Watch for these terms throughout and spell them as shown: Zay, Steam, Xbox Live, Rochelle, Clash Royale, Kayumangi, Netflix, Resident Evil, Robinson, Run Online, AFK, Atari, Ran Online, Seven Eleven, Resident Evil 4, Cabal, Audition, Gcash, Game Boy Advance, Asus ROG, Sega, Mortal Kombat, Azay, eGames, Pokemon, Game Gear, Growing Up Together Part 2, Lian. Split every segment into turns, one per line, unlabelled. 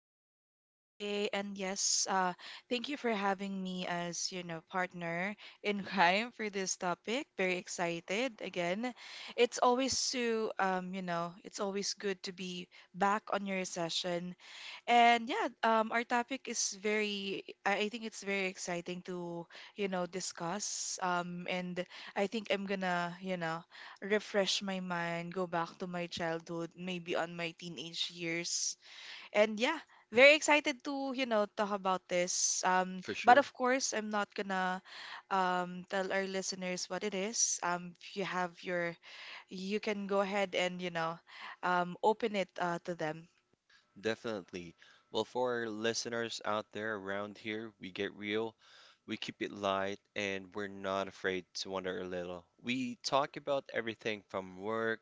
Thank you so much, Azay. And yes, thank you for having me as, you know, partner in crime for this topic. Very excited again. It's always so, you know, it's always good to be back on your session and yeah, our topic is very, I think it's very exciting to, you know, discuss. And I think I'm gonna, you know, refresh my mind, go back to my childhood, maybe on my teenage years. And yeah, very excited to, you know, talk about this.
For
But
sure.
of course, I'm not gonna tell our listeners what it is. If you have your, you can go ahead and, you know, open it to them.
Definitely. Well, for our listeners out there around here, we get real, we keep it light, and we're not afraid to wonder a little. We talk about everything from work,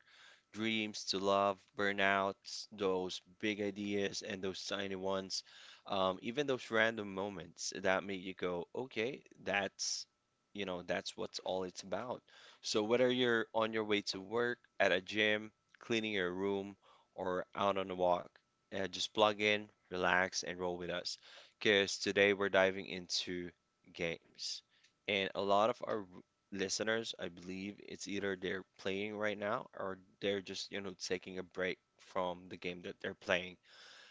dreams to love, burnouts, those big ideas and those tiny ones, even those random moments that make you go, okay, that's that's what's all it's about. So whether you're on your way to work, at a gym, cleaning your room, or out on a walk, just plug in, relax, and roll with us. Because today we're diving into games. And a lot of our listeners, I believe, it's either they're playing right now or they're just, taking a break from the game that they're playing.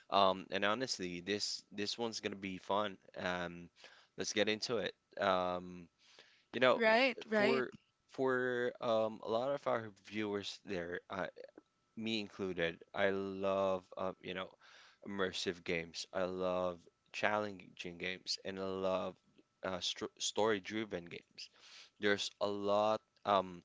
And honestly, this one's gonna be fun. Let's get into it. Um, you know,
Right, right.
for for a lot of our viewers there, me included, I love immersive games. I love challenging games, and I love stro story-driven games. There's a lot, um,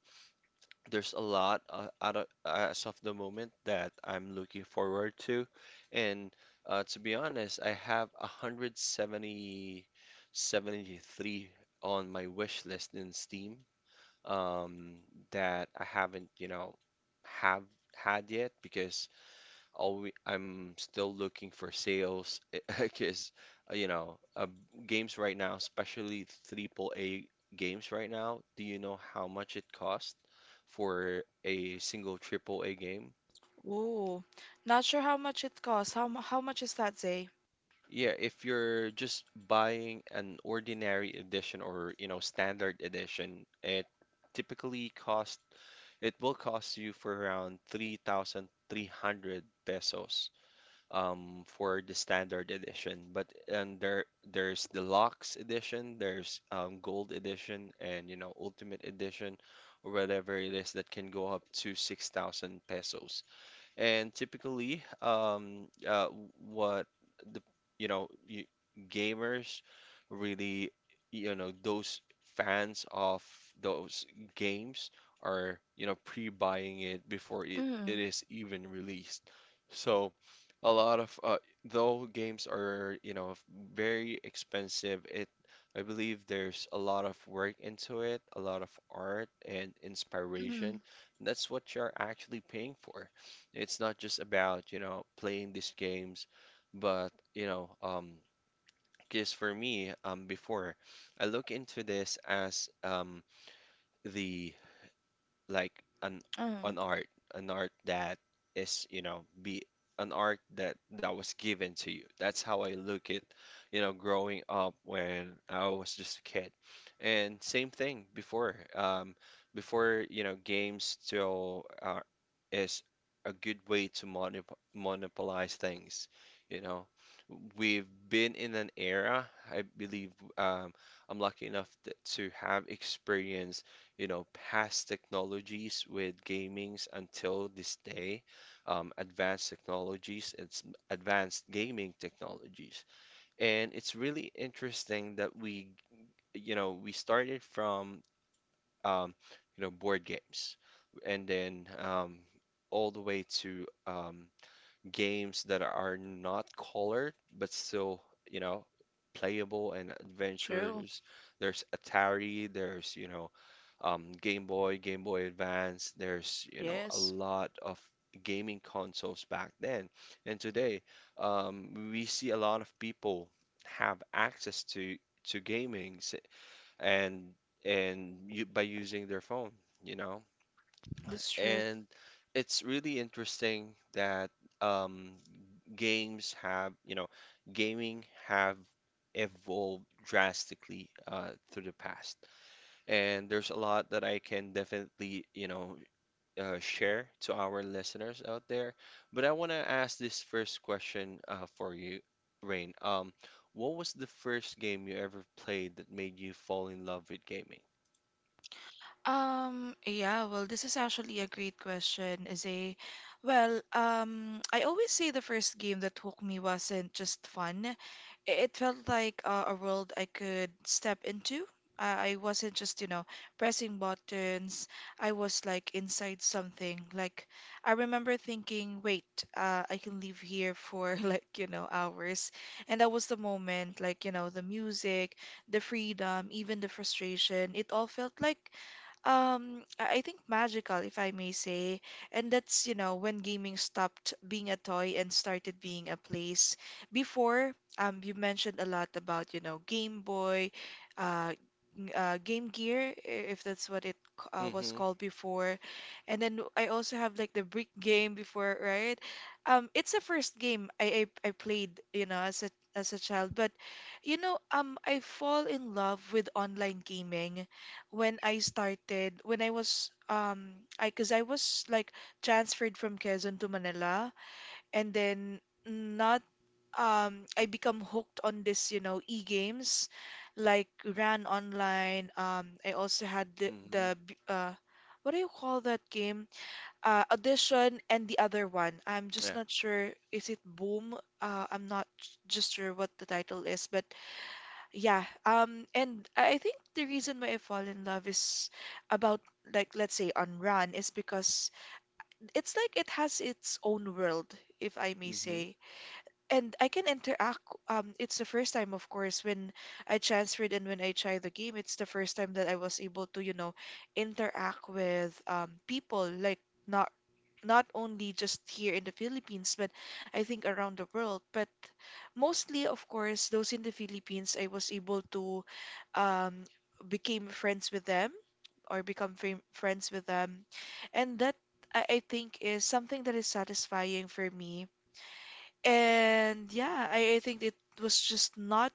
there's a lot out of, as of the moment that I'm looking forward to, and to be honest, I have 73 on my wish list in Steam, um, that I haven't, have had yet because always I'm still looking for sales because you know uh, games right now, especially triple A games right now. Do you know how much it costs for a single triple A game?
Ooh, not sure how much it costs. How much is that, Zay?
Yeah, if you're just buying an ordinary edition or standard edition, it typically cost it will cost you for around 3,300 pesos for the standard edition. But and there's deluxe edition, there's gold edition, and ultimate edition, or whatever it is that can go up to 6,000 pesos. And typically, what the you know you, gamers really, those fans of those games are, pre-buying it before
Mm,
it is even released. So a lot of though games are, very expensive, it I believe there's a lot of work into it, a lot of art and inspiration.
mm,
That's what you're actually paying for. It's not just about, playing these games, but, because for me, before I look into this as the like an
mm.
an art, an art that is, you know, be an art that was given to you. That's how I look at, growing up when I was just a kid. And same thing before, before, games still are, is a good way to monopolize things, you know. We've been in an era, I believe, um, I'm lucky enough to have experienced, past technologies with gamings until this day, advanced technologies, it's advanced gaming technologies. And it's really interesting that we, we started from, um, board games and then all the way to games that are not colored but still, you know, playable and
True.
adventures. There's Atari, there's, Game Boy, Game Boy Advance. There's, a
Yes,
lot of gaming consoles back then. And today, we see a lot of people have access to gaming s- and and you, by using their phone, you know.
that's true.
And it's really interesting that um, games have, you know, gaming have evolved drastically through the past. And there's a lot that I can definitely, share to our listeners out there. But I want to ask this first question for you, Rain. What was the first game you ever played that made you fall in love with gaming?
Yeah, well, this is actually a great question, Zay. Well, I always say the first game that hooked me wasn't just fun. It felt like a world I could step into. I wasn't just, you know, pressing buttons. I was like inside something. Like I remember thinking, wait, I can live here for like, you know, hours. And that was the moment, like, you know, the music, the freedom, even the frustration. It all felt like I think magical, if I may say. And that's, you know, when gaming stopped being a toy and started being a place. Before, you mentioned a lot about, you know, Game Boy, uh, Game Gear, if that's what it was
Mm-hmm.
called before. And then I also have like the brick game before, right? It's the first game I played, you know, as a child. But, you know, I fall in love with online gaming when I started, when I was I because I was like transferred from Quezon to Manila and then not I become hooked on this, you know, e-games like ran online. I also had the
Mm-hmm.
the b- uh what do you call that game? Uh, Audition and the other one. I'm just
Yeah.
not sure, is it Boom? I'm not just sure what the title is, but yeah, and I think the reason why I fall in love is about like let's say on Run is because it's like it has its own world, if I may
Mm-hmm.
say. And I can interact. It's the first time, of course, when I transferred and when I tried the game, it's the first time that I was able to, you know, interact with people like not not only just here in the Philippines, but I think around the world. But mostly, of course, those in the Philippines, I was able to, um, became friends with them or become friends with them, and that I think is something that is satisfying for me. And yeah, I think it was just not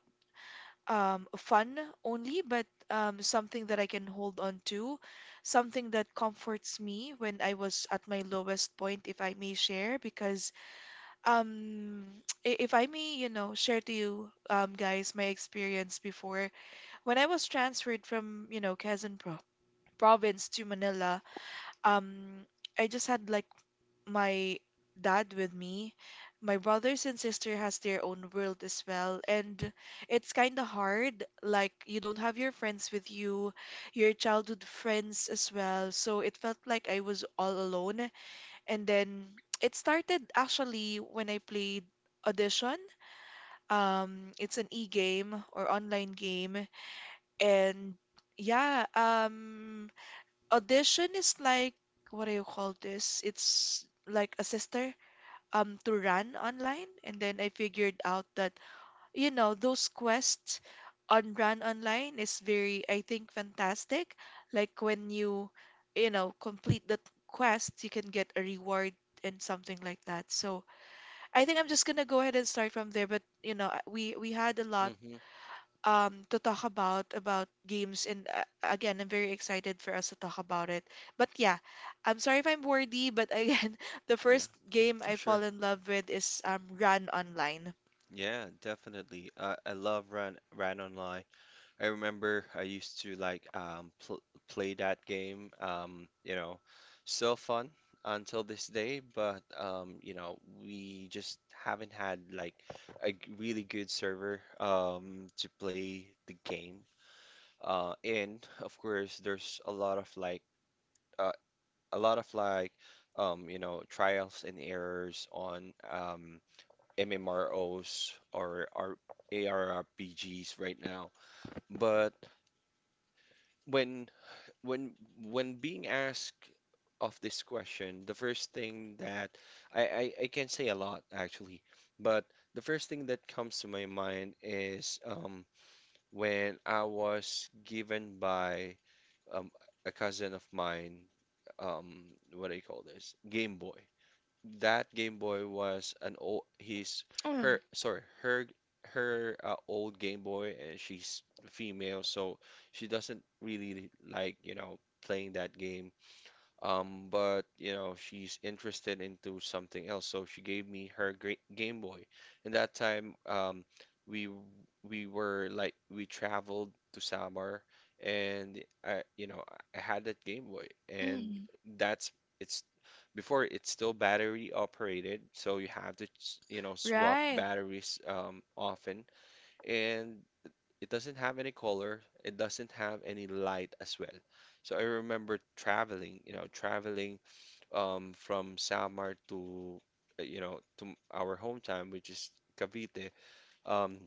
fun only, but something that I can hold on to, something that comforts me when I was at my lowest point, if I may share, because um, if I may, you know, share to you guys my experience before when I was transferred from, you know, Quezon Pro province to Manila, um, I just had like my dad with me. My brothers and sister has their own world as well, and it's kind of hard. Like you don't have your friends with you, your childhood friends as well. So it felt like I was all alone. And then it started actually when I played Audition. It's an e-game or online game, and yeah, Audition is like what do you call this? It's like a sister to run online, and then I figured out that you know those quests on run online is very I think fantastic, like when you know complete the quest you can get a reward and something like that. So I think I'm just gonna go ahead and start from there, but you know we had a lot
Mm-hmm.
to talk about games, and again I'm very excited for us to talk about it. But yeah, I'm sorry if I'm wordy, but again, the
Yeah,
first game
for
I fall
sure.
in love with is Run Online.
Yeah, definitely. I love Ran Online. I remember I used to like pl play that game. Still fun until this day, but, we just haven't had like really good server to play the game. And of course, there's a lot of like uh, a lot of like trials and errors on, MMROs or our ARRPGs right now, but when when when being asked of this question, the first thing that I can say a lot actually, but the first thing that comes to my mind is when I was given by um, a cousin of mine, um, what do you call this? Game Boy that Game Boy was an old his
Mm,
her sorry her old Game Boy and she's female so she doesn't really like, playing that game, but, she's interested into something else, so she gave me her great Game Boy. And that time, we w- we were like we traveled to Samar, and I, I had that Game Boy, and
mm,
that's it's before it's still battery operated, so you have to swap
Right.
batteries often, and it doesn't have any color. It doesn't have any light as well. So I remember traveling, from Samar to, to our hometown, which is Cavite. Um,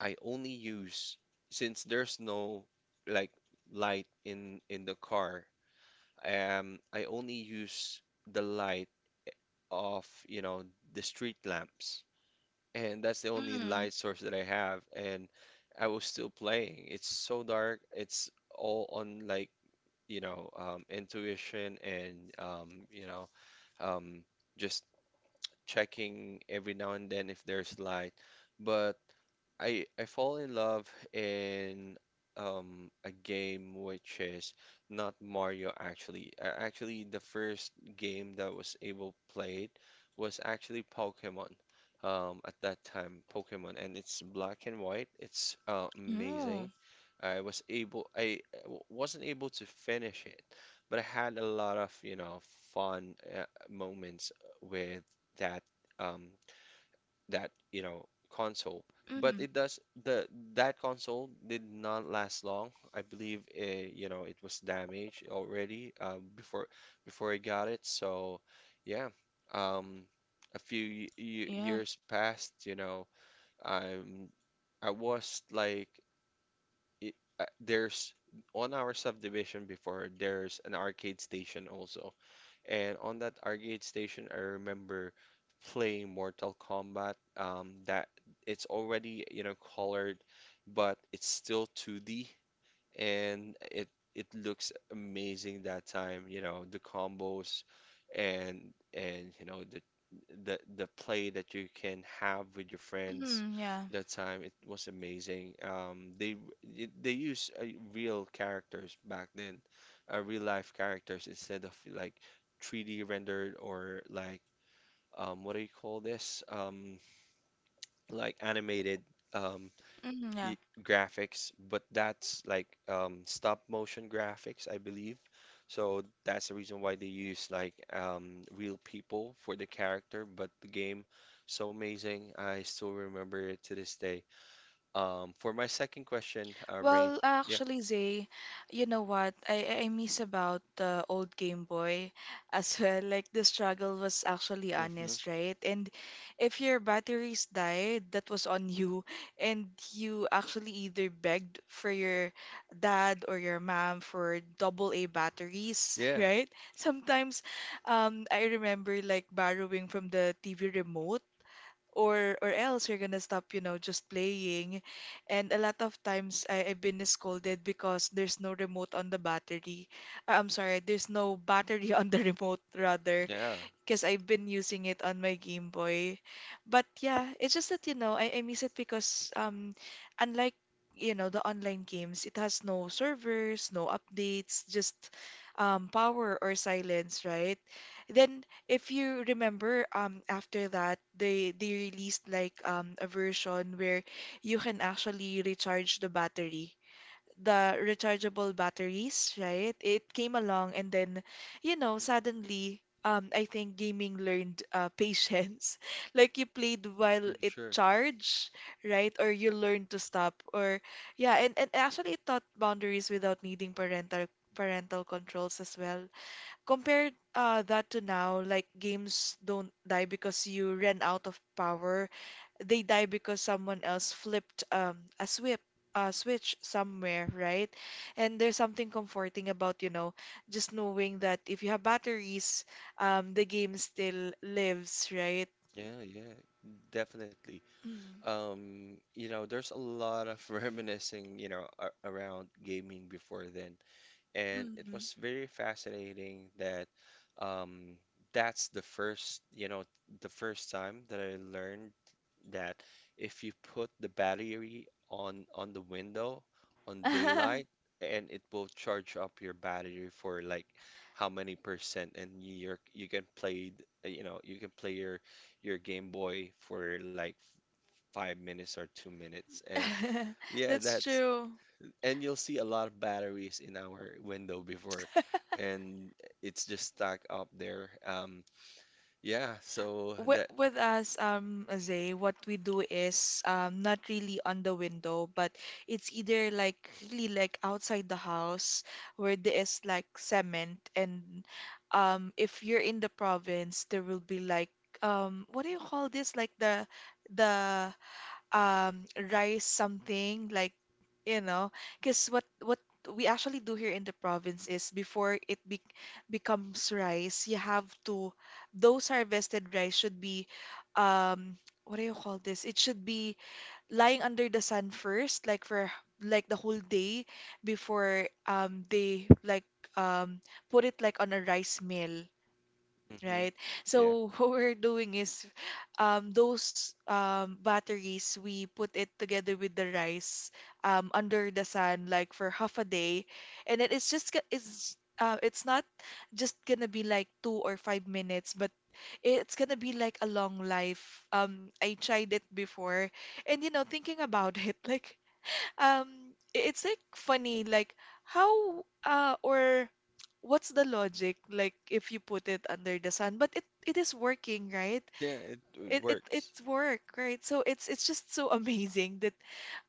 I only use, since there's no like light in the car. I only use the light of, the street lamps and that's the only
Mm,
light source that I have, and I was still playing. It's so dark. It's all on like, intuition and, um, just checking every now and then if there's light. But I fall in love in a game which is not Mario actually. Actually, the first game that was able played was actually Pokemon. At that time, Pokemon, and it's black and white. It's
ooh,
amazing. I wasn't able to finish it, but I had a lot of, fun moments with that. Um, that you know console, but
mm,
it does the that console did not last long, I believe, it was damaged already before I got it, so yeah, um a few y y
yeah,
years passed, you know. I'm I was like it, there's On our subdivision before there's an arcade station also, and on that arcade station, I remember playing Mortal Kombat. That It's already, colored, but it's still 2D, and it looks amazing that time. You know, the combos, and the play that you can have with your friends,
mm, yeah,
that time. It was amazing. They use real characters back then, real life characters instead of like 3D rendered or like, what do you call this? Animated um,
mm,
I
yeah.
graphics, but that's like stop motion graphics, I believe. So that's the reason why they use like real people for the character, but the game so amazing. I still remember it to this day. For my second question, Rain.
Well,
Yeah.
actually, Zay, you know what? I miss about the old Game Boy as well. Like the struggle was actually
Mm-hmm.
honest, right? And if your batteries died, that was on you. And you actually either begged for your dad or your mom for double A batteries,
Yeah.
right? Sometimes I remember like borrowing from the TV remote, or else you're gonna stop, you know, just playing. And a lot of times I've been scolded because there's no remote on the battery. I'm sorry, there's no battery on the remote, rather,
Yeah.
because I've been using it on my Game Boy. But yeah, it's just that you know I miss it, because unlike you know the online games, it has no servers, no updates, just power or silence, right? Then if you remember after that they released like a version where you can actually recharge the battery, the rechargeable batteries, right? It came along, and then, you know, suddenly, I think gaming learned patience. Like you played while
For
it
sure.
charged, right? Or you learned to stop. Or yeah, and actually it taught boundaries without needing parental controls as well. Compared that to now, like games don't die because you ran out of power, they die because someone else flipped a swip a switch somewhere, right? And there's something comforting about, you know, just knowing that if you have batteries, the game still lives, right?
Yeah, yeah, definitely. You know, there's a lot of reminiscing, you know, a around gaming before then, and it
Mm.
was very fascinating that, um, that's the first, the first time that I learned that if you put the battery on the window on
Mm.
daylight, and it will charge up your battery for like how many percent, and you can play, you can play your Game Boy for like 5 minutes or 2 minutes, and yeah,
That's
that's,
true.
and you'll see a lot of batteries in our window before, and it's just stacked up there, yeah, so
with,
that.
with us, Zay, what we do is not really on the window, but it's either like really like outside the house where there is like cement, and if you're in the province, there will be like what do you call this? Like the rice something like you know, because what we actually do here in the province is before it be becomes rice, you have to, those harvested rice should be um what do you call this, it should be lying under the sun first, like for like the whole day, before they like um put it like on a rice mill,
Hmm.
right?
Yeah,
So what we're doing is those batteries, we put it together with the rice under the sun like for half a day, and it is just it's not just gonna be like 2 or 5 minutes, but it's gonna be like a long life. I tried it before, and you know, thinking about it, like it's like funny, like how or what's the logic, like if you put it under the sun, but it is working, right?
yeah it it
it it
works.
it's work, right? So it's just so amazing that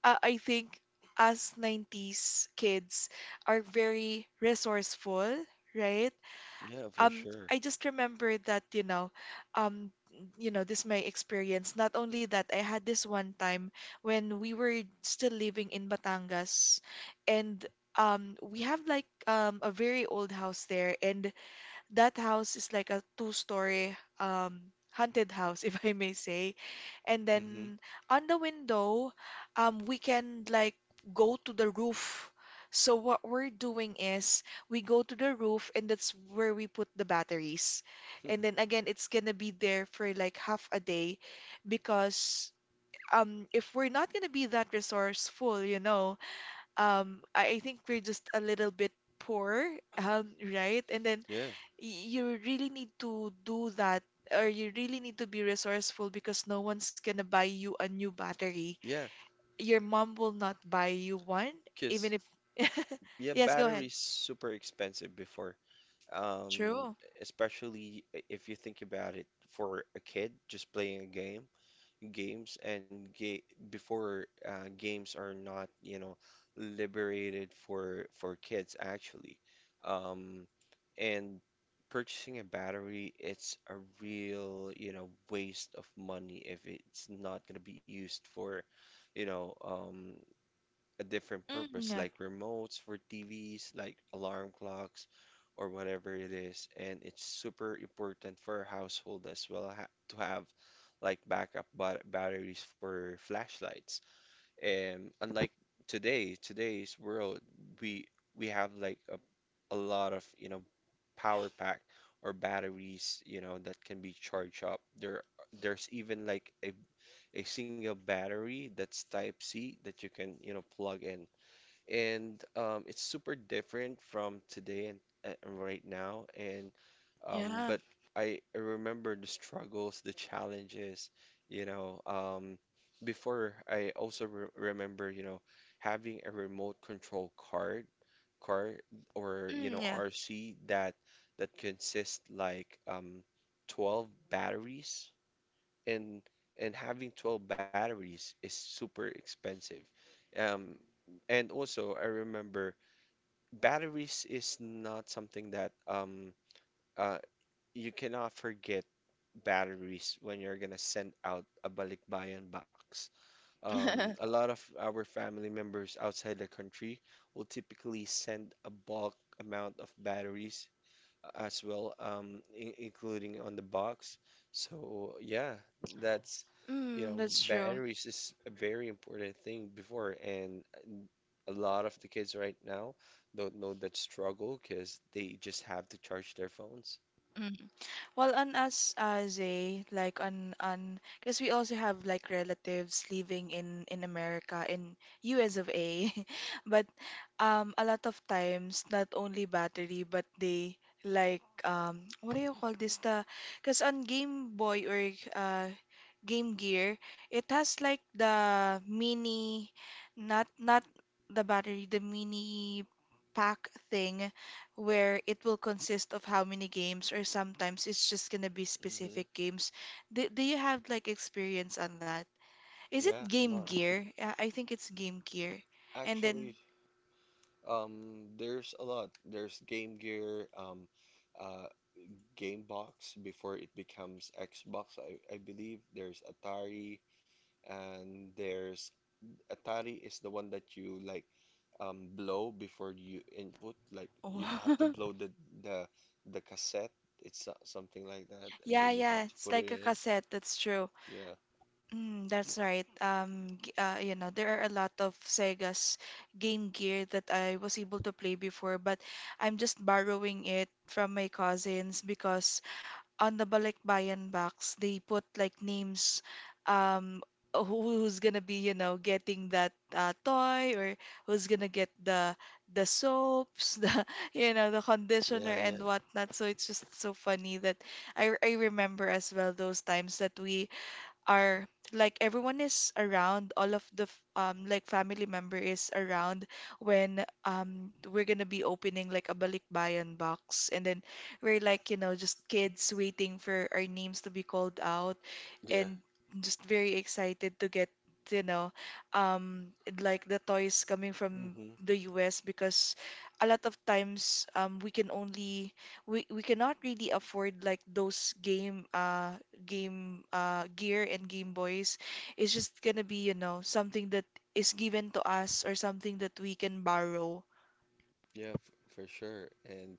I think us 90s kids are very resourceful, right?
Yeah, for sure.
I just remember that you know, um this my experience, not only that I had this one time when we were still living in Batangas, and we have like a very old house there, and that house is like a two-story haunted house, if I may say. And
Hmm.
then on the window, we can like go to the roof. So what we're doing is we go to the roof, and that's where we put the batteries. And then again, it's gonna be there for like half a day, because if we're not gonna be that resourceful, you know, I think we're just a little bit poor, right? And then
Yeah,
you really need to do that, or you really need to be resourceful, because no one's gonna buy you a new battery.
yeah,
Your mom will not buy you one,
because
even if
yeah,
yes, go ahead.
batteries super expensive before, um
True.
especially if you think about it for a kid just playing a game games and ga before, games are not, liberated for kids actually. Um, and purchasing a battery, it's a real, waste of money if it's not going to be used for, you know, um, a different
Mm,
purpose,
yeah.
like remotes for TVs, like alarm clocks, or whatever it is. And it's super important for a household as well ha to have like backup batteries for flashlights. And unlike today's world, we we have like a lot of, you know, power pack or batteries, you know, that can be charged up. There's even like a single battery that's type C that you can, you know, plug in and it's super different from today and right now and um,
Yeah.
but I remember the struggles the challenges you know um, before I also re remember you know having a remote control car or you know
Mm,
RC that consists like 12 batteries and and having 12 batteries is super expensive. Um, and also I remember batteries is not something that uh you cannot forget batteries when you're gonna send out a balikbayan box.
yeah.
Um, a lot of our family members outside the country will typically send a bulk amount of batteries as well, in including on the box. So yeah, that's you
Mm,
know,
that's true.
batteries is a very important thing before, and a lot of the kids right now don't know that struggle because they just have to charge their phones.
Mm. Well, on us as a like on, because we also have like relatives living in America, in US of A, but a lot of times not only battery, but they like what do you call this, the, because on Game Boy or uh Game Gear, it has like the mini, not the battery, the mini pack thing, where it will consist of how many games, or sometimes it's just gonna be
Hmm.
specific games. Do you have like experience on that? Is it
Yeah, a
Game
lot.
Gear? Yeah, I think it's Game Gear. And
Actually,
then
there's a lot. There's Game Gear, uh, Game Box before it becomes Xbox, I believe. There's Atari, and there's Atari is the one that you like blow before you input. Like you have to
oh.
blow the the cassette. It's something like that, and
Yeah,
then you
yeah,
have to
it's
put it
like a
in.
cassette, that's true.
Yeah.
Mm, that's right. You know, there are a lot of Sega's Game Gear that I was able to play before, but I'm just borrowing it from my cousins because on the balikbayan box they put like names, um who's gonna be, you know, getting that toy, or who's gonna get the soaps, the, you know, the conditioner
Yeah,
and
yeah.
whatnot. So it's just so funny that I remember as well those times that we are, like, everyone is around, all of the like family member is around when we're gonna be opening like a balikbayan box, and then we're like, you know, just kids waiting for our names to be called out,
Yeah.
and just very excited to get, you know, um like the toys coming from
Hmm.
the US, because a lot of times, we can only we cannot really afford like those Game Gear and Game Boys. Is just gonna be, you know, something that is given to us, or something that we can borrow.
Yeah, f for sure. And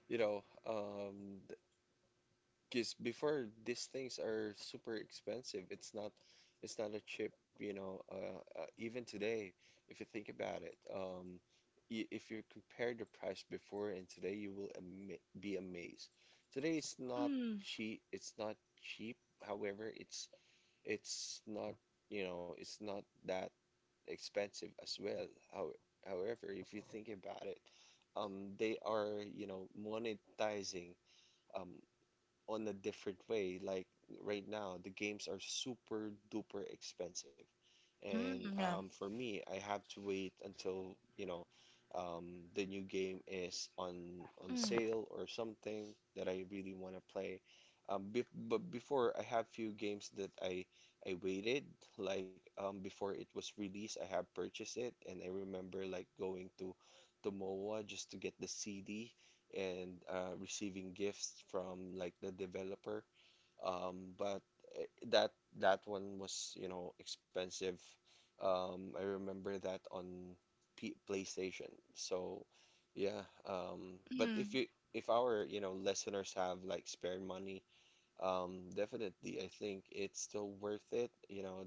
you know, um, because before these things are super expensive. It's not a chip, you know, even today, if you think about it, y if you compare the price before and today, you will ama be amazed. Today it's not
Mm,
cheap, it's not cheap. However, it's not, you know, it's not that expensive as well. However, if you think about it, they are, you know, monetizing um, on a different way. Like right now, the games are super duper expensive. And
mm, yeah.
For me, I have to wait until, you know, the new game is on
Mm,
sale or something that I really want to play. Be But before, I have few games that I waited before it was released. I have purchased it, and I remember like going to MOA just to get the CD and receiving gifts from like the developer. But eh, That that one was, you know, expensive. I remember that on P PlayStation. So yeah, um, but if
mm,
you if our, you know, listeners have like spare money, definitely I think it's still worth it. You know,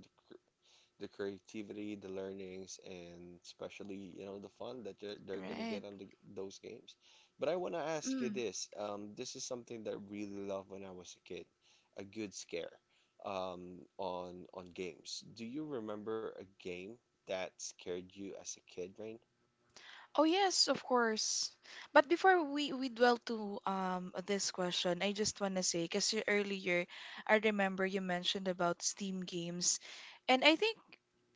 the creativity, the learnings, and especially, you know, the fun that they're gonna
right.
get on the, those games. But I wanna ask you
Mm.
this. This is something that I really loved when I was a kid, a good scare, on games. Do you remember a game that scared you as a kid, Rain?
Oh yes, of course. But before we dwell to this question, I just want to say, because earlier I remember you mentioned about Steam games, and I think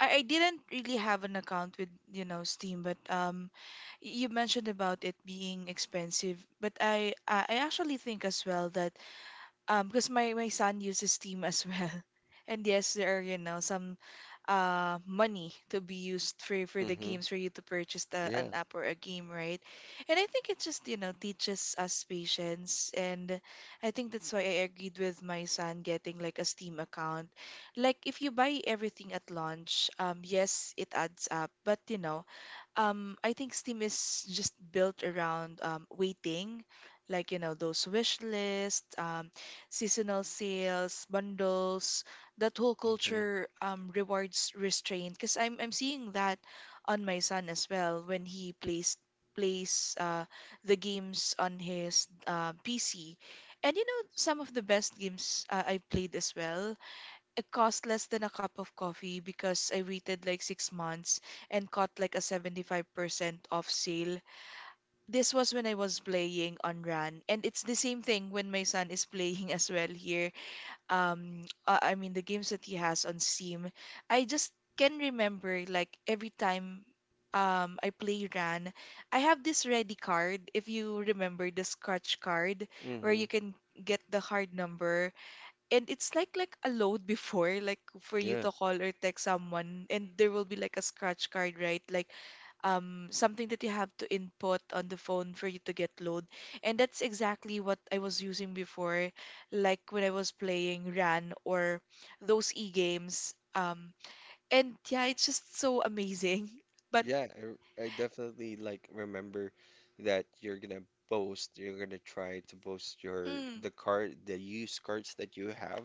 I didn't really have an account with, you know, Steam, but you mentioned about it being expensive, but I actually think as well that, because my son uses Steam as well, and yes, there are, you know, some money to be used for the
Mm-hmm.
games, for you to purchase the, an
Yeah.
app or a game, right? And I think it just, you know, teaches us patience, and I think that's why I agreed with my son getting like a Steam account. Like if you buy everything at launch, yes, it adds up, but, you know, I think Steam is just built around, waiting, like, you know, those wish lists, seasonal sales, bundles. That whole culture, rewards restraint, because I'm seeing that on my son as well when he plays plays the games on his PC, and, you know, some of the best games, I've played as well, it cost less than a cup of coffee because I waited like six months and caught like a 75% off sale. This was when I was playing on RAN, and it's the same thing when my son is playing as well here. I mean, the games that he has on Steam, I just can remember like every time. I play RAN. I have this ready card, if you remember the scratch card,
Mm-hmm.
where
Mm-hmm.
you can get the card number, and it's like a load before, like for you
Yeah.
to call or text someone, and there will be like a scratch card, right, like something that you have to input on the phone for you to get load, and that's exactly what I was using before, like when I was playing RAN or those e-games. And yeah, it's just so amazing. But
Yeah, I definitely like remember that you're gonna boast, you're gonna try to boast your
mm,
the card, the used cards that you have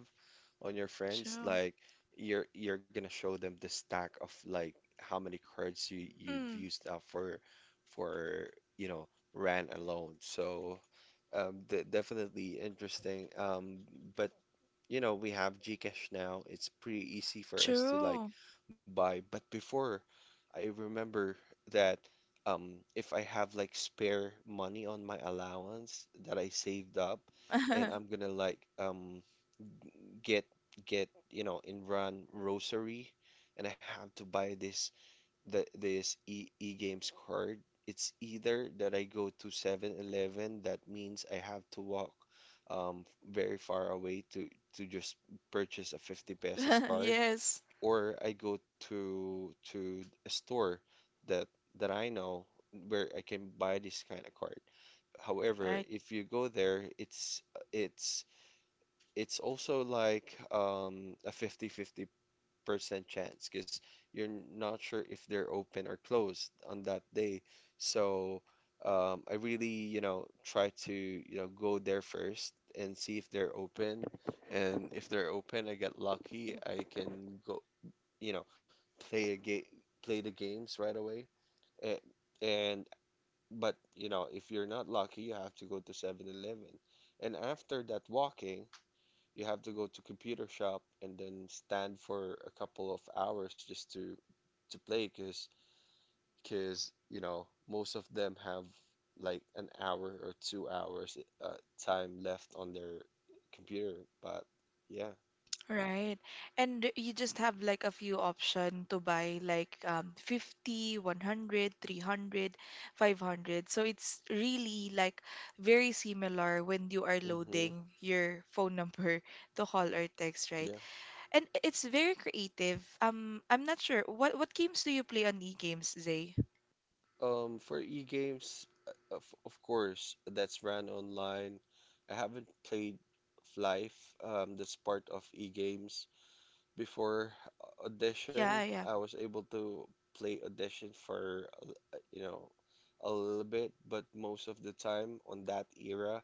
on your friends.
true.
Like you're gonna show them the stack of like how many cards you you've
Mm,
used up for you know ran alone. So de definitely interesting. But you know, we have Gcash now. It's pretty easy for us to like
true.
buy. But before, I remember that if I have like spare money on my allowance that I saved up, and I'm gonna like get get you know in run rosary, and I have to buy this e e-games card. It's either that I go to 7-Eleven that means I have to walk um very far away to just purchase a 50 pesos card,
Yes,
or I go to a store that I know where I can buy this kind of card. However,
right.
if you go there, it's it's also like a 50-50% chance because you're not sure if they're open or closed on that day. So I really, you know, try to, you know, go there first and see if they're open. And if they're open, I get lucky. I can go, you know, play a game, play the games right away. And, and But you know, if you're not lucky, you have to go to 7-Eleven. And after that walking, you have to go to computer shop and then stand for a couple of hours just to play because cause you know most of them have like an hour or 2 hours uh, time left on their computer but yeah.
Right. And you just have like a few option to buy like 50, 100, 300, 500. So it's really like very similar when you are
Mm-hmm.
loading your phone number to call or text, right?
Yeah.
And it's very creative. I'm not sure. What games do you play on e-games, Zay?
For e-games, of course that's ran online. I haven't played life. That's part of e-games before. Audition,
Yeah, yeah.
I was able to play audition for, uh, you know, a little bit, but most of the time on that era,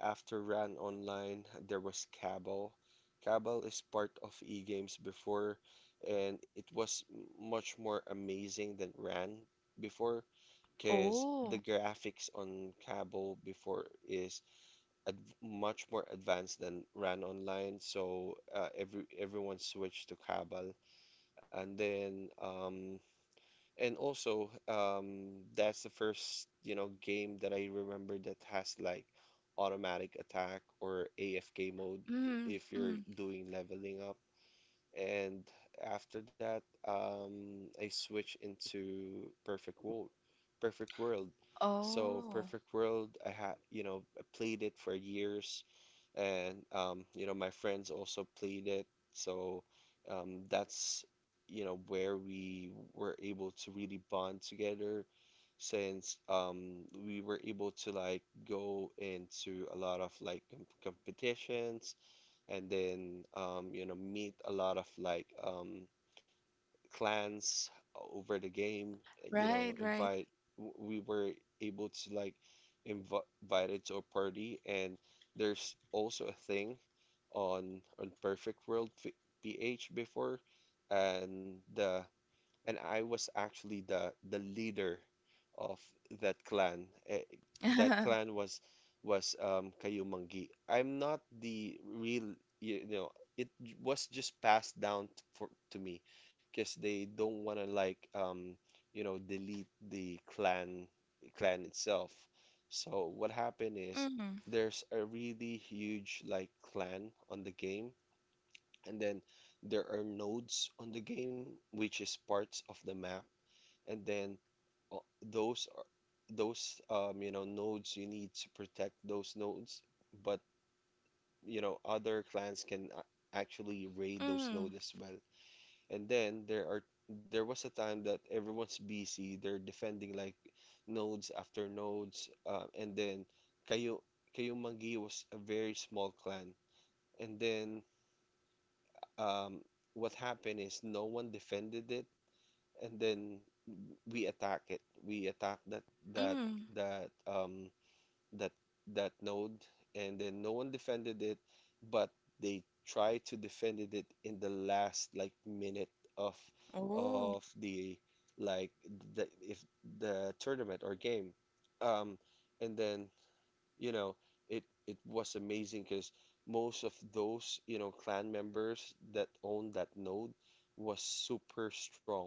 after Ran Online, there was Cabal. Cabal is part of eGames before, and it was much more amazing than Ran before, because the
Oh.
graphics on Cabal before is ad much more advanced than ran online. So everyone switched to Cabal, and then um, and also that's the first you know game that I remember that has like automatic attack or AFK mode
Mm,
if you're
mm.
doing leveling up. And after that, I switched into Perfect World. Perfect World. So
Oh.
Perfect World, I had, you know, I played it for years and you know my friends also played it so that's you know where we were able to really bond together since we were able to like go into a lot of like competitions and then you know meet a lot of like clans over the game. You know,
Right, right.
invite we were able to like invited to a party, and there's also a thing on Perfect World PH before, and the and I was actually the leader of that clan. That clan was Kayumangi. I'm not the real, you know, it was just passed down t- for to me because they don't want to like you know, delete the clan itself. So what happened is
Mm,
there's a really huge like clan on the game and then there are nodes on the game, which is parts of the map. And then those are those you know nodes you need to protect those nodes. But you know other clans can actually raid those
mm,
nodes as well. And then there are There was a time that everyone's busy. They're defending like nodes after nodes. And then kayo kayo Mangi was a very small clan. And then um, what happened is no one defended it, and then we attack it. We attack that
mm.
that um that that node, and then no one defended it, but they tried to defend it in the last like minute of
Oh.
of the like the if the tournament or game. Um, and then you know, it was amazing because most of those, you know, clan members that owned that node was super strong.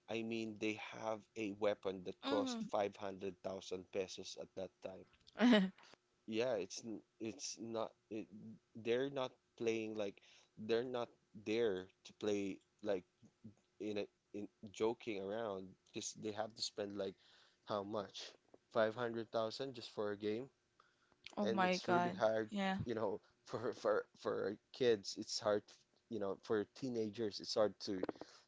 I mean, they have a weapon that cost
Mm.
500,000 pesos at that time. Yeah, it's n- it's not it, they're not playing like they're not there to play like in joking around because they have to spend like how much? 500,000 just for a game
Oh
and
my
it's really
God.
hard
Yeah.
you know, for kids, it's hard, you know, for teenagers, it's hard to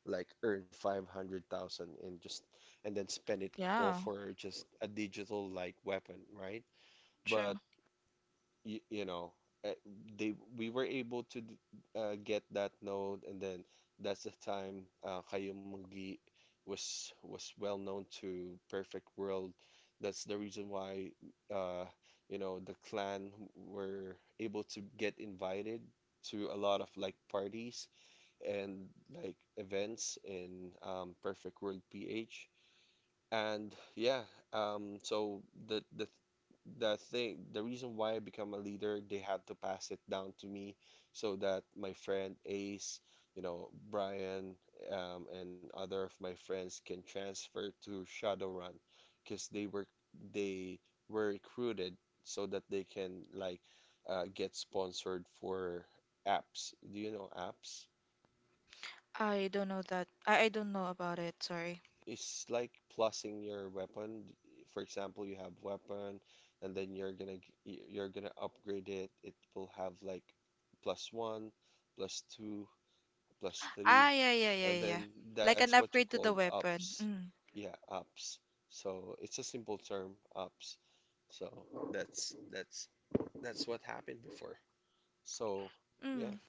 like earn 500,000 and just and then spend it all
Yeah.
for just a digital like weapon, right?
True.
But you know, uh, they we were able to get that node, and then that's the time Kayumungi was well known to Perfect World. That's the reason why uh, you know the clan were able to get invited to a lot of like parties and like events in Perfect World PH. And yeah, so the the the thing, the reason why I become a leader, they had to pass it down to me so that my friend Ace, you know, Brian, and other of my friends can transfer to Shadowrun because they were recruited so that they can like get sponsored for apps. Do you know apps?
I don't know that. I don't know about it. Sorry.
It's like plusing your weapon. For example, you have weapon, and then you're gonna you're gonna upgrade it. It will have like plus one, plus two, plus three,
Ah, yeah, yeah, yeah,
and
yeah.
then
Like
that's
an
what you
upgrade to
call
the weapon.
ups.
Mm.
Yeah, ups. So it's a simple term, ups. So that's that's that's what happened before. So
Mm.
yeah.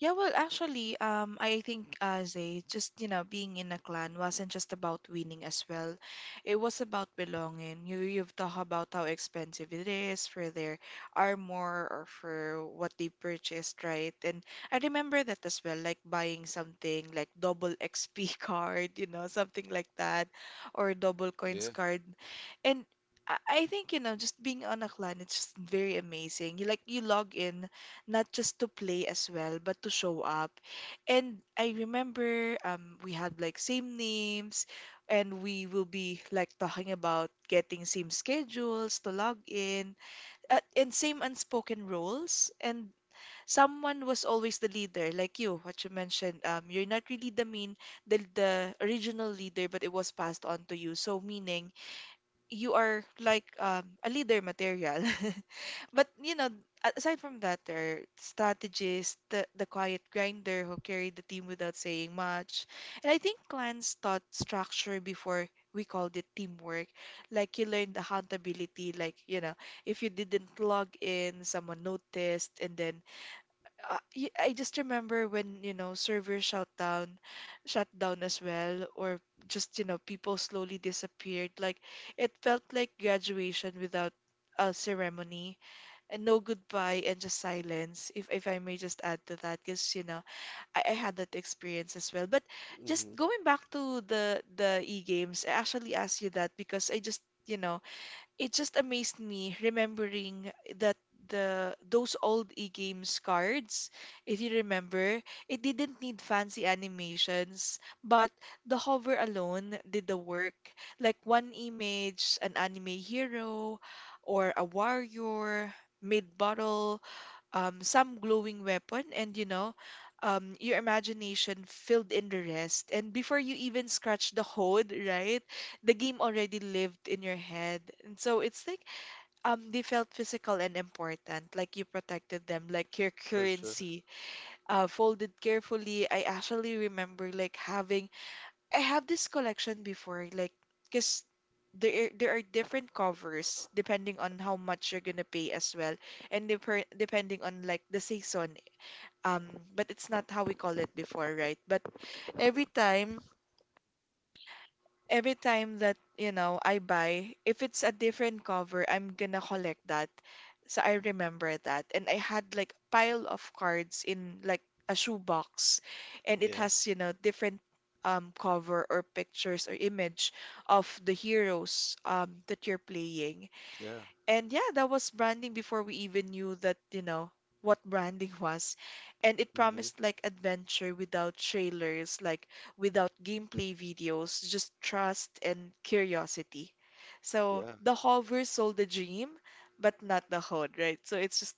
Yeah, well, actually, I think, Zay, just, you know, being in a clan wasn't just about winning as well. It was about belonging. You you've talked about how expensive it is for their armor or for what they purchased, right? And I remember that as well, like buying something like double XP card, you know, something like that, or double coins
Yeah.
card, and. I think, you know, just being on a clan, it's just very amazing. You, like, you log in not just to play as well, but to show up. And I remember, we had like same names, and we will be like talking about getting same schedules to log in, and same unspoken roles. And someone was always the leader, like you, what you mentioned. You're not really the main, the original leader, but it was passed on to you. So meaning you are like, a leader material. But, you know, aside from that, there are strategists, the quiet grinder who carried the team without saying much. And I think clans taught structure before we called it teamwork. Like you learned accountability, like, you know, if you didn't log in, someone noticed, and then I just remember when, you know, servers shut down as well, or just, you know, people slowly disappeared. Like it felt like graduation without a ceremony and no goodbye and just silence, if I may just add to that, because, you know, I had that experience as well. But just
Hmm.
going back to the e-games, I actually asked you that because I just, you know, it just amazed me remembering that the those old e-games cards, if you remember, it didn't need fancy animations, but the hover alone did the work. Like one image, an anime hero, or a warrior, mid-battle, some glowing weapon, and, you know, your imagination filled in the rest. And before you even scratch the code, right, the game already lived in your head. And so it's like, they felt physical and important, like you protected them, like your
For sure.
currency, folded carefully. I actually remember like having I have this collection before, like, because there are different covers depending on how much you're gonna pay as well, and deper depending on like the season. But it's not how we call it before, right? But every time every time that, you know, I buy, if it's a different cover, I'm gonna collect that. So I remember that. And I had like pile of cards in like a shoebox, and it
Yeah,
has, you know, different cover or pictures or image of the heroes that you're playing.
yeah.
And yeah, that was branding before we even knew that, you know, what branding was. And it
Hmm.
promised like adventure without trailers, like without gameplay videos, just trust and curiosity. So
Yeah.
the hover sold the dream, but not the hood, right? So it's just,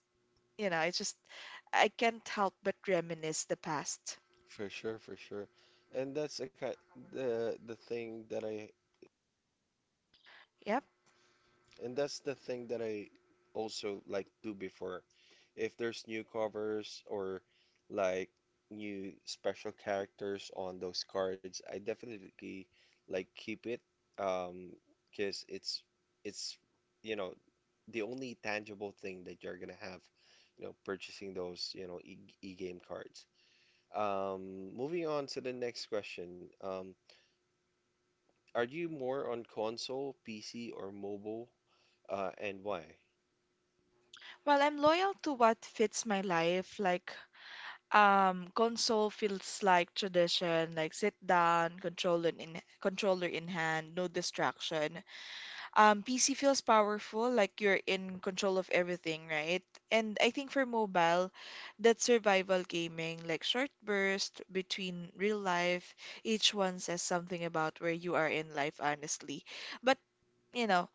you know, it's just, I can't help but reminisce the past.
For sure, for sure. And that's the ki the thing that I
Yep.
and that's the thing that I also like do before. If there's new covers or like new special characters on those cards, I definitely like keep it um, because it's you know the only tangible thing that you're gonna have purchasing those, you know, e e-game cards. Moving on to the next question. Um, are you more on console, PC, or mobile, and why?
Well, I'm loyal to what fits my life, like um, console feels like tradition, like sit down, controller in hand, no distraction. PC feels powerful, like you're in control of everything, right? And I think for mobile, that's survival gaming, like short burst between real life. Each one says something about where you are in life, honestly. But, you know,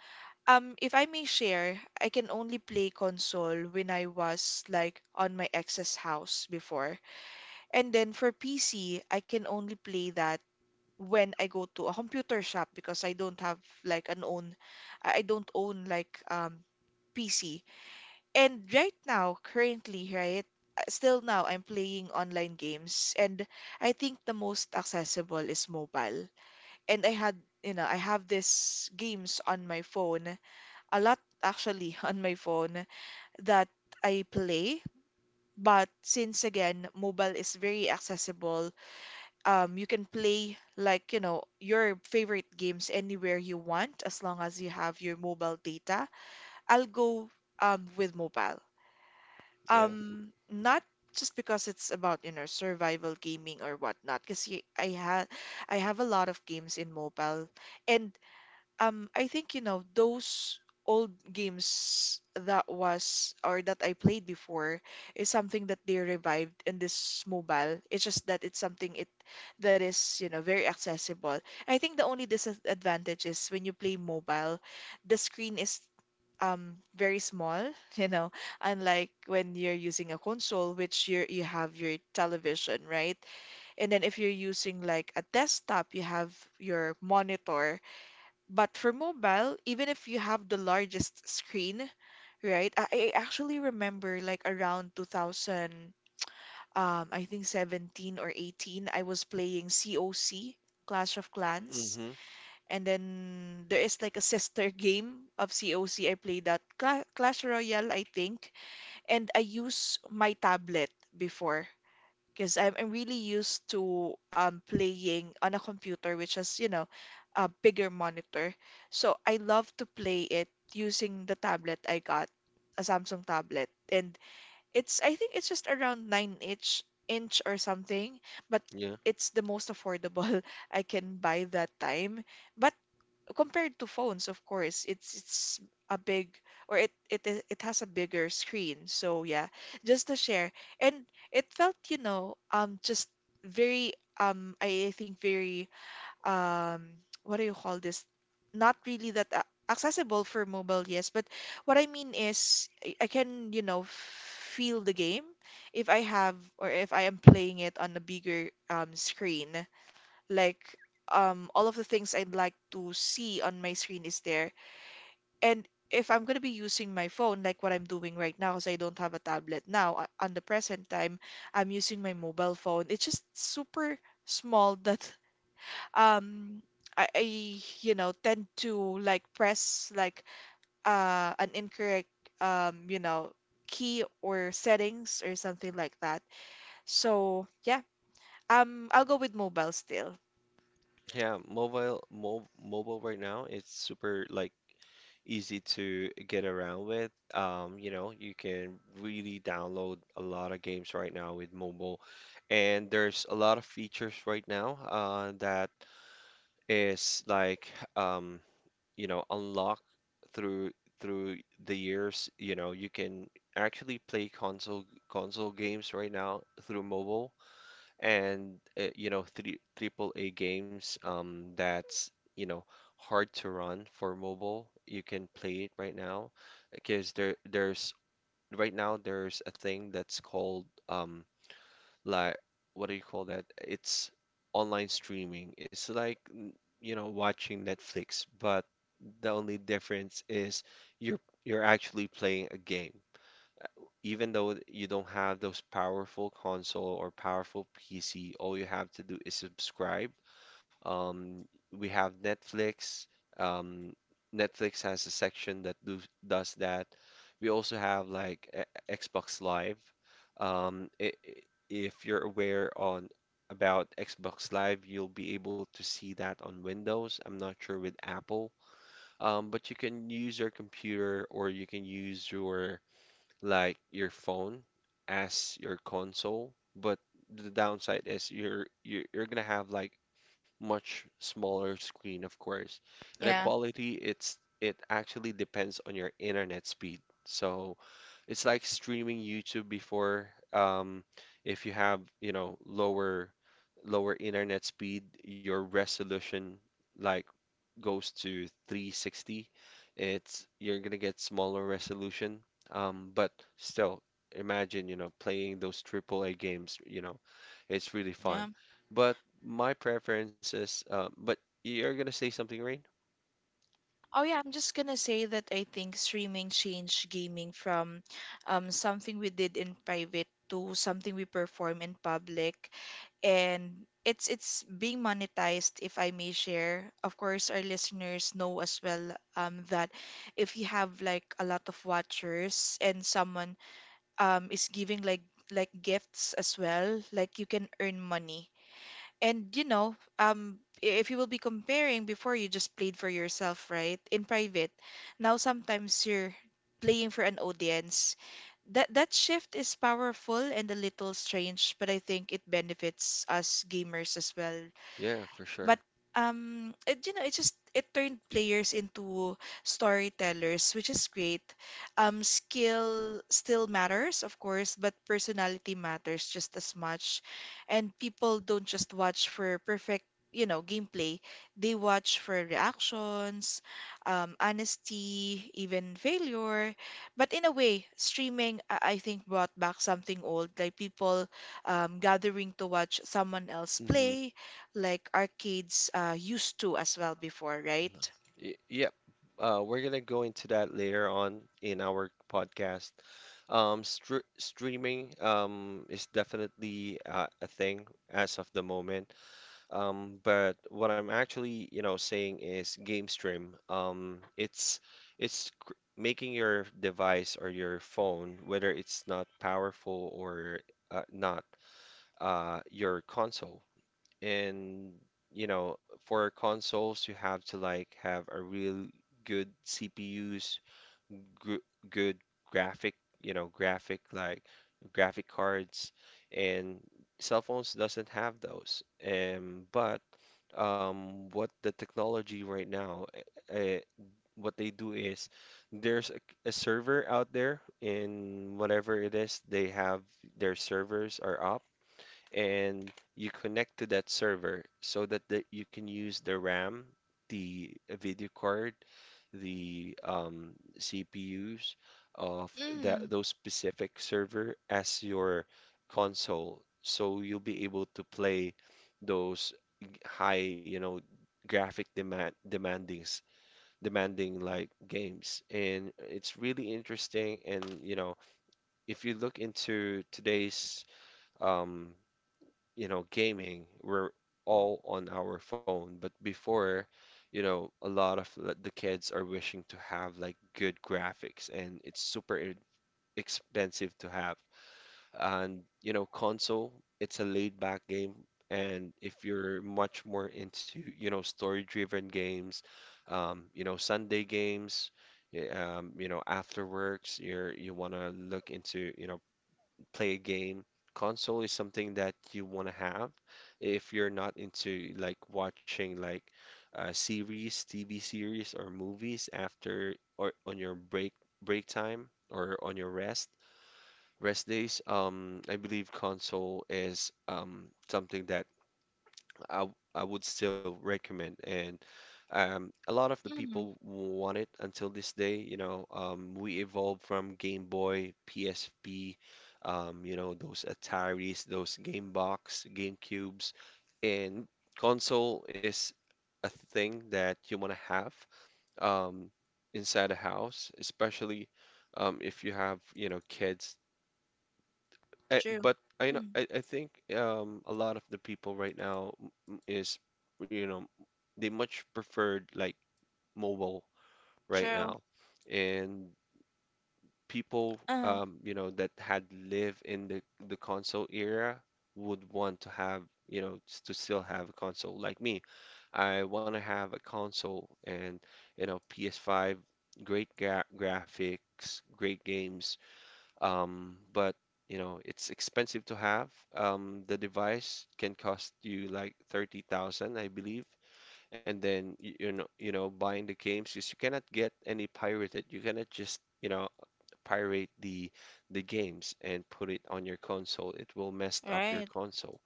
if I may share, I can only play console when I was like on my ex's house before. And then for PC, I can only play that when I go to a computer shop because I don't have like an own, I don't own like PC. And right now, currently, right, still now I'm playing online games, and I think the most accessible is mobile. And I had, you know, I have these games on my phone, a lot actually on my phone that I play. But since again, mobile is very accessible, you can play, like, you know, your favorite games anywhere you want as long as you have your mobile data. I'll go, with mobile.
Yeah.
Not just because it's about, you know, survival gaming or whatnot, because I ha I have a lot of games in mobile. And, I think, you know, those old games that was or that I played before is something that they revived in this mobile. It's just that it's something it that is, you know, very accessible. I think the only disadvantage is when you play mobile, the screen is, very small, you know, unlike when you're using a console, which you have your television, right? And then if you're using like a desktop, you have your monitor, but for mobile, even if you have the largest screen, right? I actually remember like around 2000, I think 17 or 18, I was playing COC, Clash of Clans.
Mm-hmm.
And then there is like a sister game of COC. I played that Clash Royale, I think. And I use my tablet before because I'm really used to playing on a computer, which is, you know, a bigger monitor. So I love to play it using the tablet I got, a Samsung tablet. And it's, I think it's just around 9 inch or something, but
Yeah.
it's the most affordable I can buy that time. But compared to phones, of course, it's a big or it has a bigger screen. So yeah, just to share, and it felt you know just very I think very um what do you call this? not really that accessible for mobile, yes. But what I mean is I can feel the game if I have or if I am playing it on a bigger screen. Like all of the things I'd like to see on my screen is there. And if I'm going to be using my phone like what I'm doing right now because I don't have a tablet now on the present time, I'm using my mobile phone. It's just super small that um I tend to like press like an incorrect um you know key or settings or something like that. So yeah, I'll go with mobile still.
Yeah. Mobile, right now, it's super like easy to get around with. You know, you can really download a lot of games right now with mobile, and there's a lot of features right now that is like you know, unlock through through the years. You know, you can actually play console games right now through mobile, and you know, three triple A games, um, that's, you know, hard to run for mobile, you can play it right now because there's right now there's a thing that's called, um, like, what do you call that? It's online streaming. It's like you know, watching Netflix, but the only difference is you're actually playing a game. Even though you don't have those powerful console or powerful PC, all you have to do is subscribe. um, we have Netflix. Um, Netflix has a section that does that. We also have like Xbox Live. Um, i i- if you're aware on about Xbox Live, you'll be able to see that on Windows. I'm not sure with Apple, but you can use your computer or you can use your like your phone as your console, but the downside is you're gonna have like much smaller screen, of course. And the
Yeah,
quality, it's it actually depends on your internet speed. So it's like streaming YouTube before. If you have, you know, lower internet speed, your resolution like goes to 360, it's you're gonna get smaller resolution. But still, imagine, you know, playing those triple A games, you know, it's really
yeah.
fun. But my preference is, but you're gonna say something, Rain?
Oh yeah, I'm just gonna say that I think streaming changed gaming from something we did in private to something we perform in public, and it's being monetized. If I may share, of course, our listeners know as well that if you have like a lot of watchers and someone is giving like gifts as well, like you can earn money and you know, if you will be comparing before you just played for yourself, right? In private. Now sometimes you're playing for an audience. That shift is powerful and a little strange, but I think it benefits us gamers as well,
Yeah, for
but
sure.
it you know it just it turned players into storytellers, which is great. Skill still matters, of course, but personality matters just as much, and people don't just watch for perfect gameplay. They watch for reactions, honesty, even failure. But in a way, streaming I think brought back something old, like people gathering to watch someone else
Mm-hmm.
play, like our kids used to as well before, right?
Y- Yep. We're gonna go into that later on in our podcast. Streaming, is definitely, a thing as of the moment. But what I'm actually, you know, saying is game stream. It's making your device or your phone, whether it's not powerful or not, your console. And you know, for consoles, you have to like have a real good CPUs, gr good graphic, you know, graphic like graphic cards, and cell phones doesn't have those. But what the technology right now, uh, what they do is there's a server out there in whatever it is, they have their servers are up and you connect to that server so that you can use the RAM, the video card, the CPUs of
Mm,
that those specific server as your console. So you'll be able to play those high, you know, graphic demand demanding like games. And it's really interesting, and you know, if you look into today's um, you know, gaming, we're all on our phone. But before, you know, a lot of the kids are wishing to have like good graphics, and it's super expensive to have. And, you know, console, it's a laid back game. And if you're much more into, you know, story-driven games, you know, Sunday games, you know, after works, you want to look into, you know, play a game. Console is something that you want to have if you're not into like watching like series, TV series, or movies after or on your break time or on your rest days. I believe console is something that I would still recommend. And a lot of the
mm,
people want it until this day. You know, we evolved from Game Boy, PSP, you know, those Ataris, those Game Box, Game Cubes, and console is a thing that you want to have, um, inside a house, especially if you have, you know, kids. I,
true.
but I know
Mm,
I, I think a lot of the people right now is, you know, they much preferred like mobile right
true.
now, and people
Uh-huh.
um, you know, that had lived in the console era would want to have, you know, to still have a console like me. I want to have a console, and you know, PS5, great graphics, great games, but you know, it's expensive to have. The device can cost you like 30,000, I believe. And then you know, buying the games because you cannot get any pirated. You cannot just, you know, pirate the games and put it on your console. It will mess up your
Right.
console.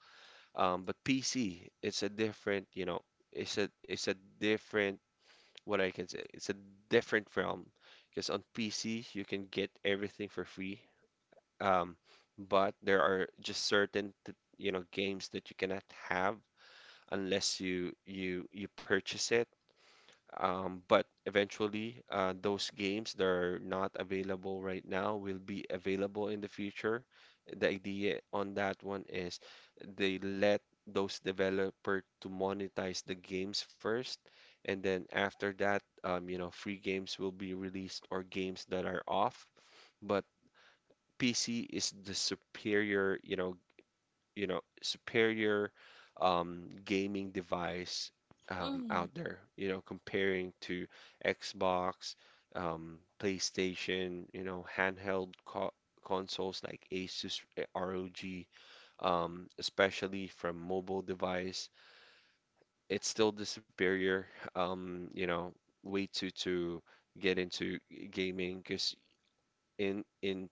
But PC, it's a different, you know, it's a different what I can say. It's a different realm because on PC you can get everything for free, um, but there are just certain you know games that you cannot have unless you purchase it. But eventually, those games that are not available right now will be available in the future. The idea on that one is they let those developer to monetize the games first, and then after that, you know, free games will be released or games that are off. But PC is the superior, you know, superior gaming device
Mm,
out there. You know, comparing to Xbox, PlayStation, you know, handheld co consoles like Asus eh, ROG, especially from mobile device, it's still the superior, you know, way to get into gaming because in in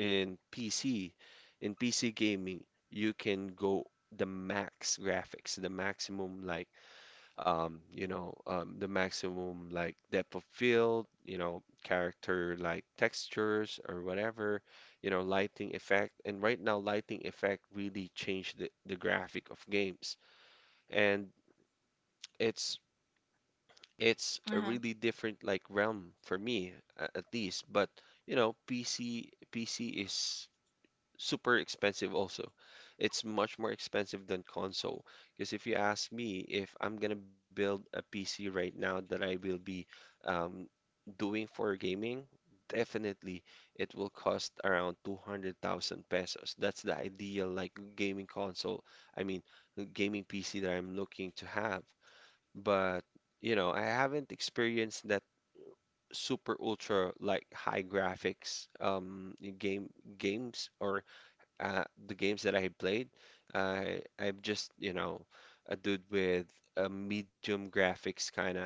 in PC, in PC gaming, you can go the max graphics, the maximum like you know, the maximum like depth of field, you know, character like textures or whatever, you know, lighting effect. And right now, lighting effect really changed the graphic of games, and it's it's a
uh-huh.
really different like realm for me at least. But you know, PC is super expensive also. It's much more expensive than console. Because if you ask me if I'm gonna build a PC right now that I will be um, doing for gaming, definitely it will cost around 200,000 pesos. That's the ideal like gaming console. I mean, the gaming PC that I'm looking to have. But you know, I haven't experienced that super ultra like high graphics games or the games that I played, I'm just, you know, a dude with a medium graphics kind of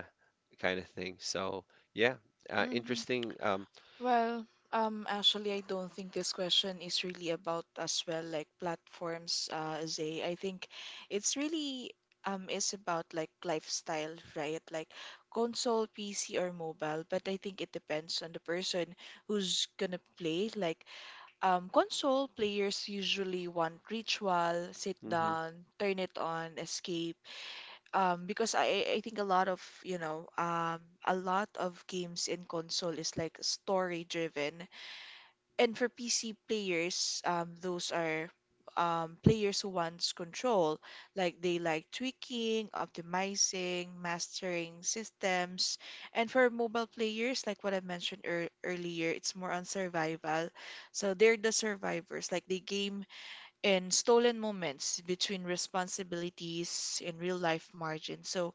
kind of thing. So yeah,
Mm-hmm.
interesting.
Well, actually, I don't think this question is really about as well like platforms, Zay. I think it's really is about like lifestyle, right? Like console, PC, or mobile. But I think it depends on the person who's gonna play. Like, console players usually want ritual, sit
Mhm,
down, turn it on, escape. Because I think a lot of, you know, a lot of games in console is like story driven. And for PC players, those are players who wants control, like they like tweaking, optimizing, mastering systems. And for mobile players, like what I mentioned earlier, it's more on survival. So they're the survivors, like they game in stolen moments between responsibilities and real life margins. So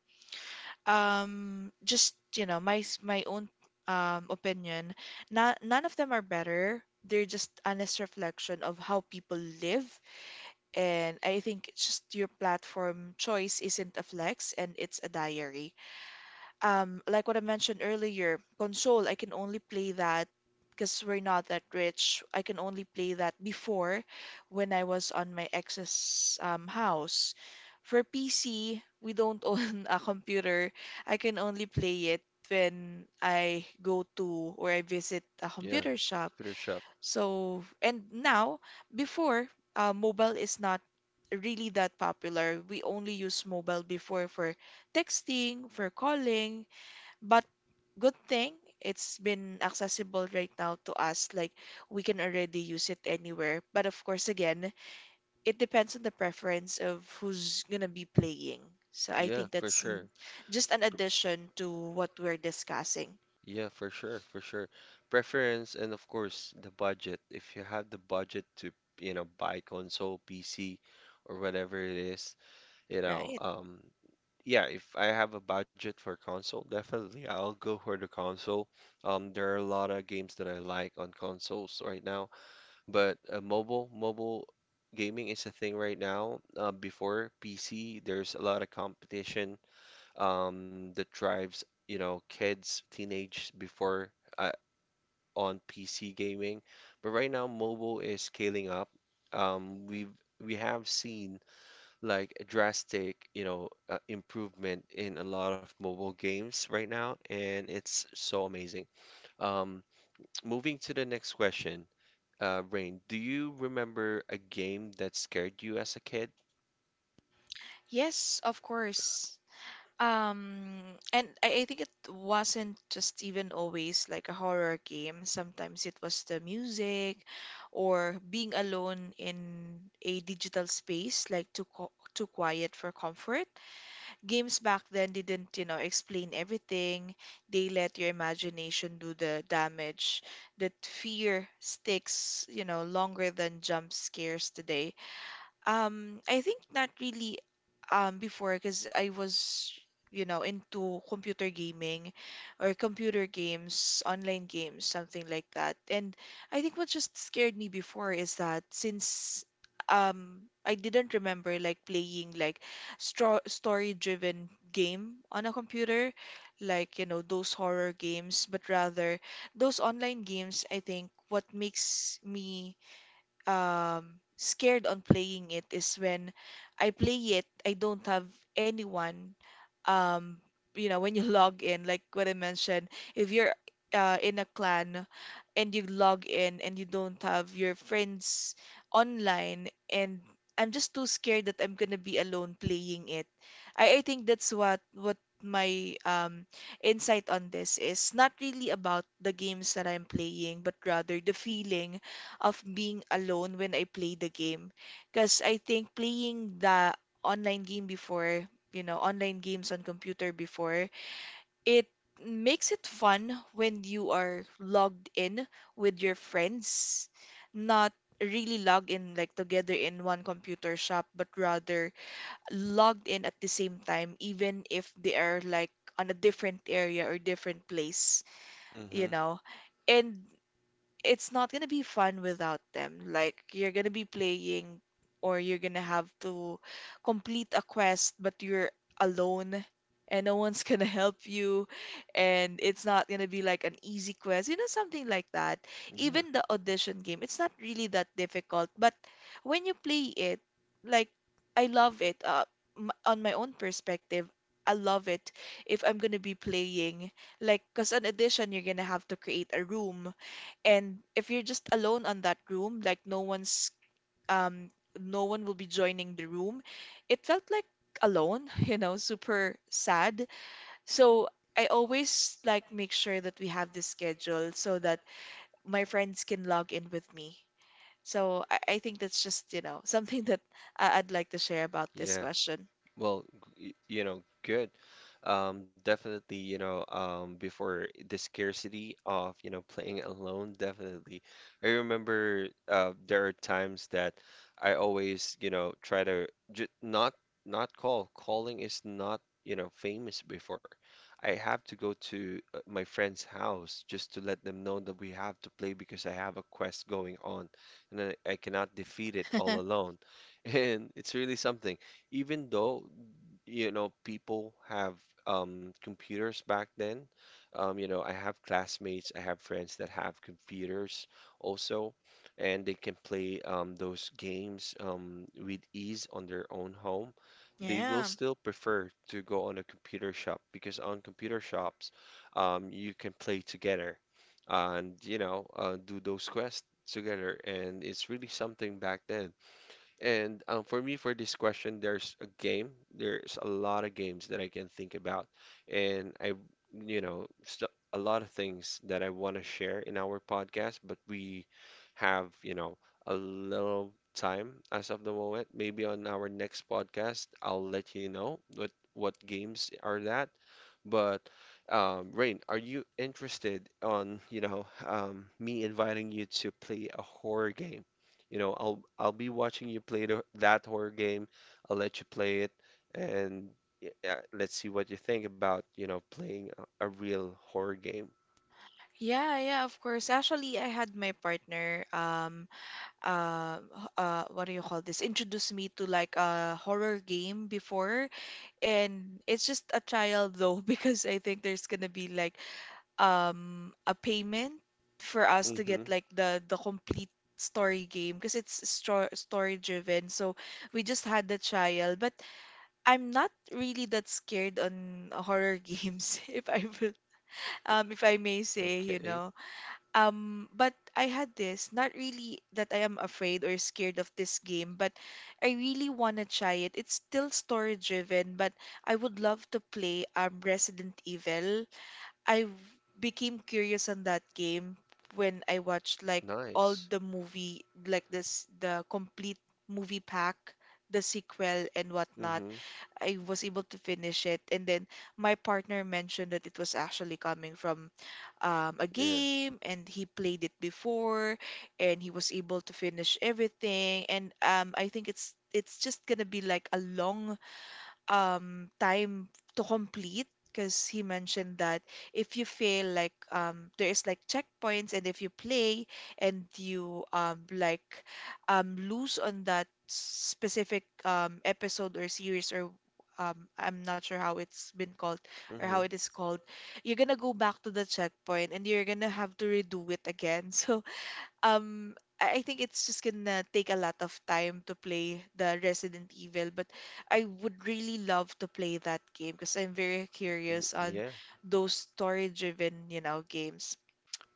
just you know my own opinion, not, none of them are better, they're just honest reflection of how people live, and I think it's just your platform choice isn't a flex and it's a diary. Like what I mentioned earlier, console, I can only play that because we're not that rich. I can only play that before when I was on my ex's house. For PC, we don't own a computer. I can only play it when I go to or I visit a
yeah,
computer shop.
computer shop.
So, and now, before, mobile is not really that popular. We only use mobile before for texting, for calling, but good thing it's been accessible right now to us. Like we can already use it anywhere. But of course, again, it depends on the preference of who's gonna be playing. So I think
Yeah, for
that's
sure.
just an addition to what we're discussing,
Yeah, for sure, for sure. Preference and of course the budget. If you have the budget to, you know, buy console, PC, or whatever it is, you know,
right?
yeah, if I have a budget for console, definitely I'll go for the console. There are a lot of games that I like on consoles right now, but mobile gaming is a thing right now. Before PC, there's a lot of competition that drives you know kids, teenage before uh, on PC gaming, but right now mobile is scaling up. Um, we've we have seen like a drastic, you know, improvement in a lot of mobile games right now, and it's so amazing. Um, moving to the next question, Rain, do you remember a game that scared you as a kid?
Yes, of course. Um, and I think it wasn't just even always like a horror game. Sometimes it was the music or being alone in a digital space, like too quiet for comfort. Games back then didn't, you know, explain everything. They let your imagination do the damage. That fear sticks, you know, longer than jump scares today. I think not really before because I was, you know, into computer gaming or computer games, online games, something like that. And I think what just scared me before is that since I didn't remember like playing like stro story-driven game on a computer, like, you know, those horror games, but rather those online games. I think what makes me scared on playing it is when I play it, I don't have anyone. Um, you know, when you log in, like what I mentioned, if you're in a clan and you log in and you don't have your friends online, and I'm just too scared that I'm gonna be alone playing it. I think that's what my insight on this is not really about the games that I'm playing, but rather the feeling of being alone when I play the game. Because I think playing the online game before, you know, online games on computer before, it makes it fun when you are logged in with your friends, not really log in like together in one computer shop, but rather logged in at the same time, even if they are like on a different area or different place, you
Mm-hmm.
know. And it's not gonna be fun without them. Like you're gonna be playing or you're gonna have to complete a quest, but you're alone and no one's gonna help you, and it's not gonna be like an easy quest, you know, something like that.
Yeah.
Even the audition game, it's not really that difficult, but when you play it, like, I love it. M on my own perspective, I love it if I'm gonna be playing like, because an audition, you're gonna have to create a room, and if you're just alone on that room, like no one's um no one will be joining the room, it felt like alone, you know, super sad. So I always like make sure that we have this schedule so that my friends can log in with me. So I think that's just, you know, something that I'd like to share about this
Yeah.
question.
Well, you know, good. Definitely, you know, before the scarcity of, you know, playing alone, definitely. I remember there are times that I always, you know, try to j not Calling is not, you know, famous before. I have to go to my friend's house just to let them know that we have to play because I have a quest going on, and I cannot defeat it all alone. And it's really something even though you know people have computers back then, you know, I have classmates, I have friends that have computers also, and they can play those games with ease on their own home. They will
Yeah.
still prefer to go on a computer shop because on computer shops you can play together, and you know do those quests together, and it's really something back then. And for me, for this question, there's a game. There's a lot of games that I can think about, and I, you know, st a lot of things that I want to share in our podcast, but we have, you know, a little time as of the moment. Maybe on our next podcast, I'll let you know what games are that. But Rain, are you interested on, you know, me inviting you to play a horror game? You know, I'll be watching you play that horror game. I'll let you play it, and let's see what you think about, you know, playing a real horror game.
Yeah, yeah, of course. Actually, I had my partner. What do you call this? Introduced me to like a horror game before, and it's just a trial though because I think there's gonna be like a payment for us to
Mm-hmm.
get like the complete story game because it's story driven. So we just had the trial, but I'm not really that scared on horror games if I will, if I may say, you
Okay.
know. But I had this, not really that I am afraid or scared of this game, but I really want to try it. It's still story driven, but I would love to play Resident Evil. I w- Became curious on that game when I watched like all
Nice.
the movie, like this the complete movie pack, the sequel and whatnot.
Mm-hmm.
I was able to finish it. And then my partner mentioned that it was actually coming from a
Yeah.
game and he played it before and he was able to finish everything. And I think it's just gonna be like a long time to complete because he mentioned that if you fail like there is like checkpoints, and if you play and you lose on that specific episode or series or I'm not sure how it's been called or
Mm-hmm.
how it is called, you're gonna go back to the checkpoint and you're gonna have to redo it again. So um I think it's just gonna take a lot of time to play the Resident Evil, but I would really love to play that game because I'm very
Mm,
curious on
yeah.
those story-driven, you know, games.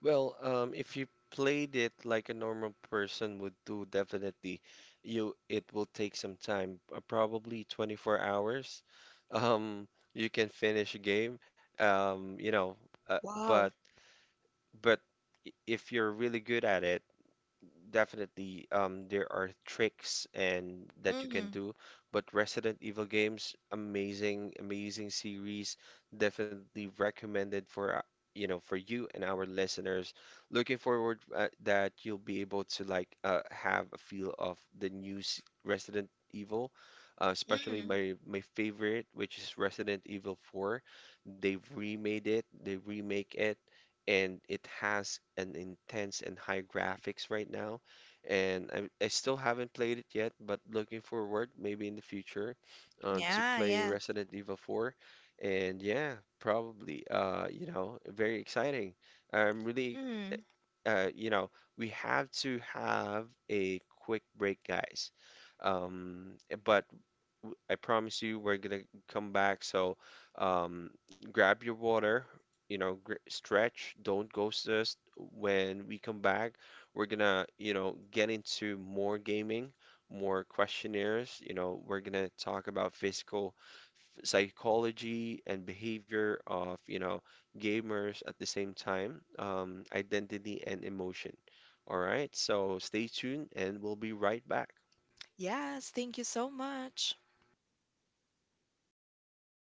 Well, if you played it like a normal person would do, definitely you it will take some time, probably 24 hours. Um, you can finish a game. You know, uh, but
Wow.
but if you're really good at it, definitely there are tricks and that you can
Mm,
do, but Resident Evil games, amazing, amazing series, definitely recommended for you know for you and our listeners. Looking forward that you'll be able to like have a feel of the new Resident Evil, especially
mm.
my favorite, which is Resident Evil 4. They've remade it, they remake it. And it has an intense and high graphics right now, and I still haven't played it yet, but looking forward maybe in the future to
Yeah,
play
yeah.
Resident Evil 4. And yeah, probably you know, very exciting. I'm really
Mm.
you know, we have to have a quick break, guys. Um, but I promise you we're gonna come back. So um, grab your water, you know, gr stretch, don't ghost us. When we come back, we're gonna, you know, get into more gaming, more questionnaires. You know, we're gonna talk about physical psychology and behavior of, you know, gamers at the same time, identity and emotion. All right, so stay tuned and we'll be right back.
Yes, thank you so much.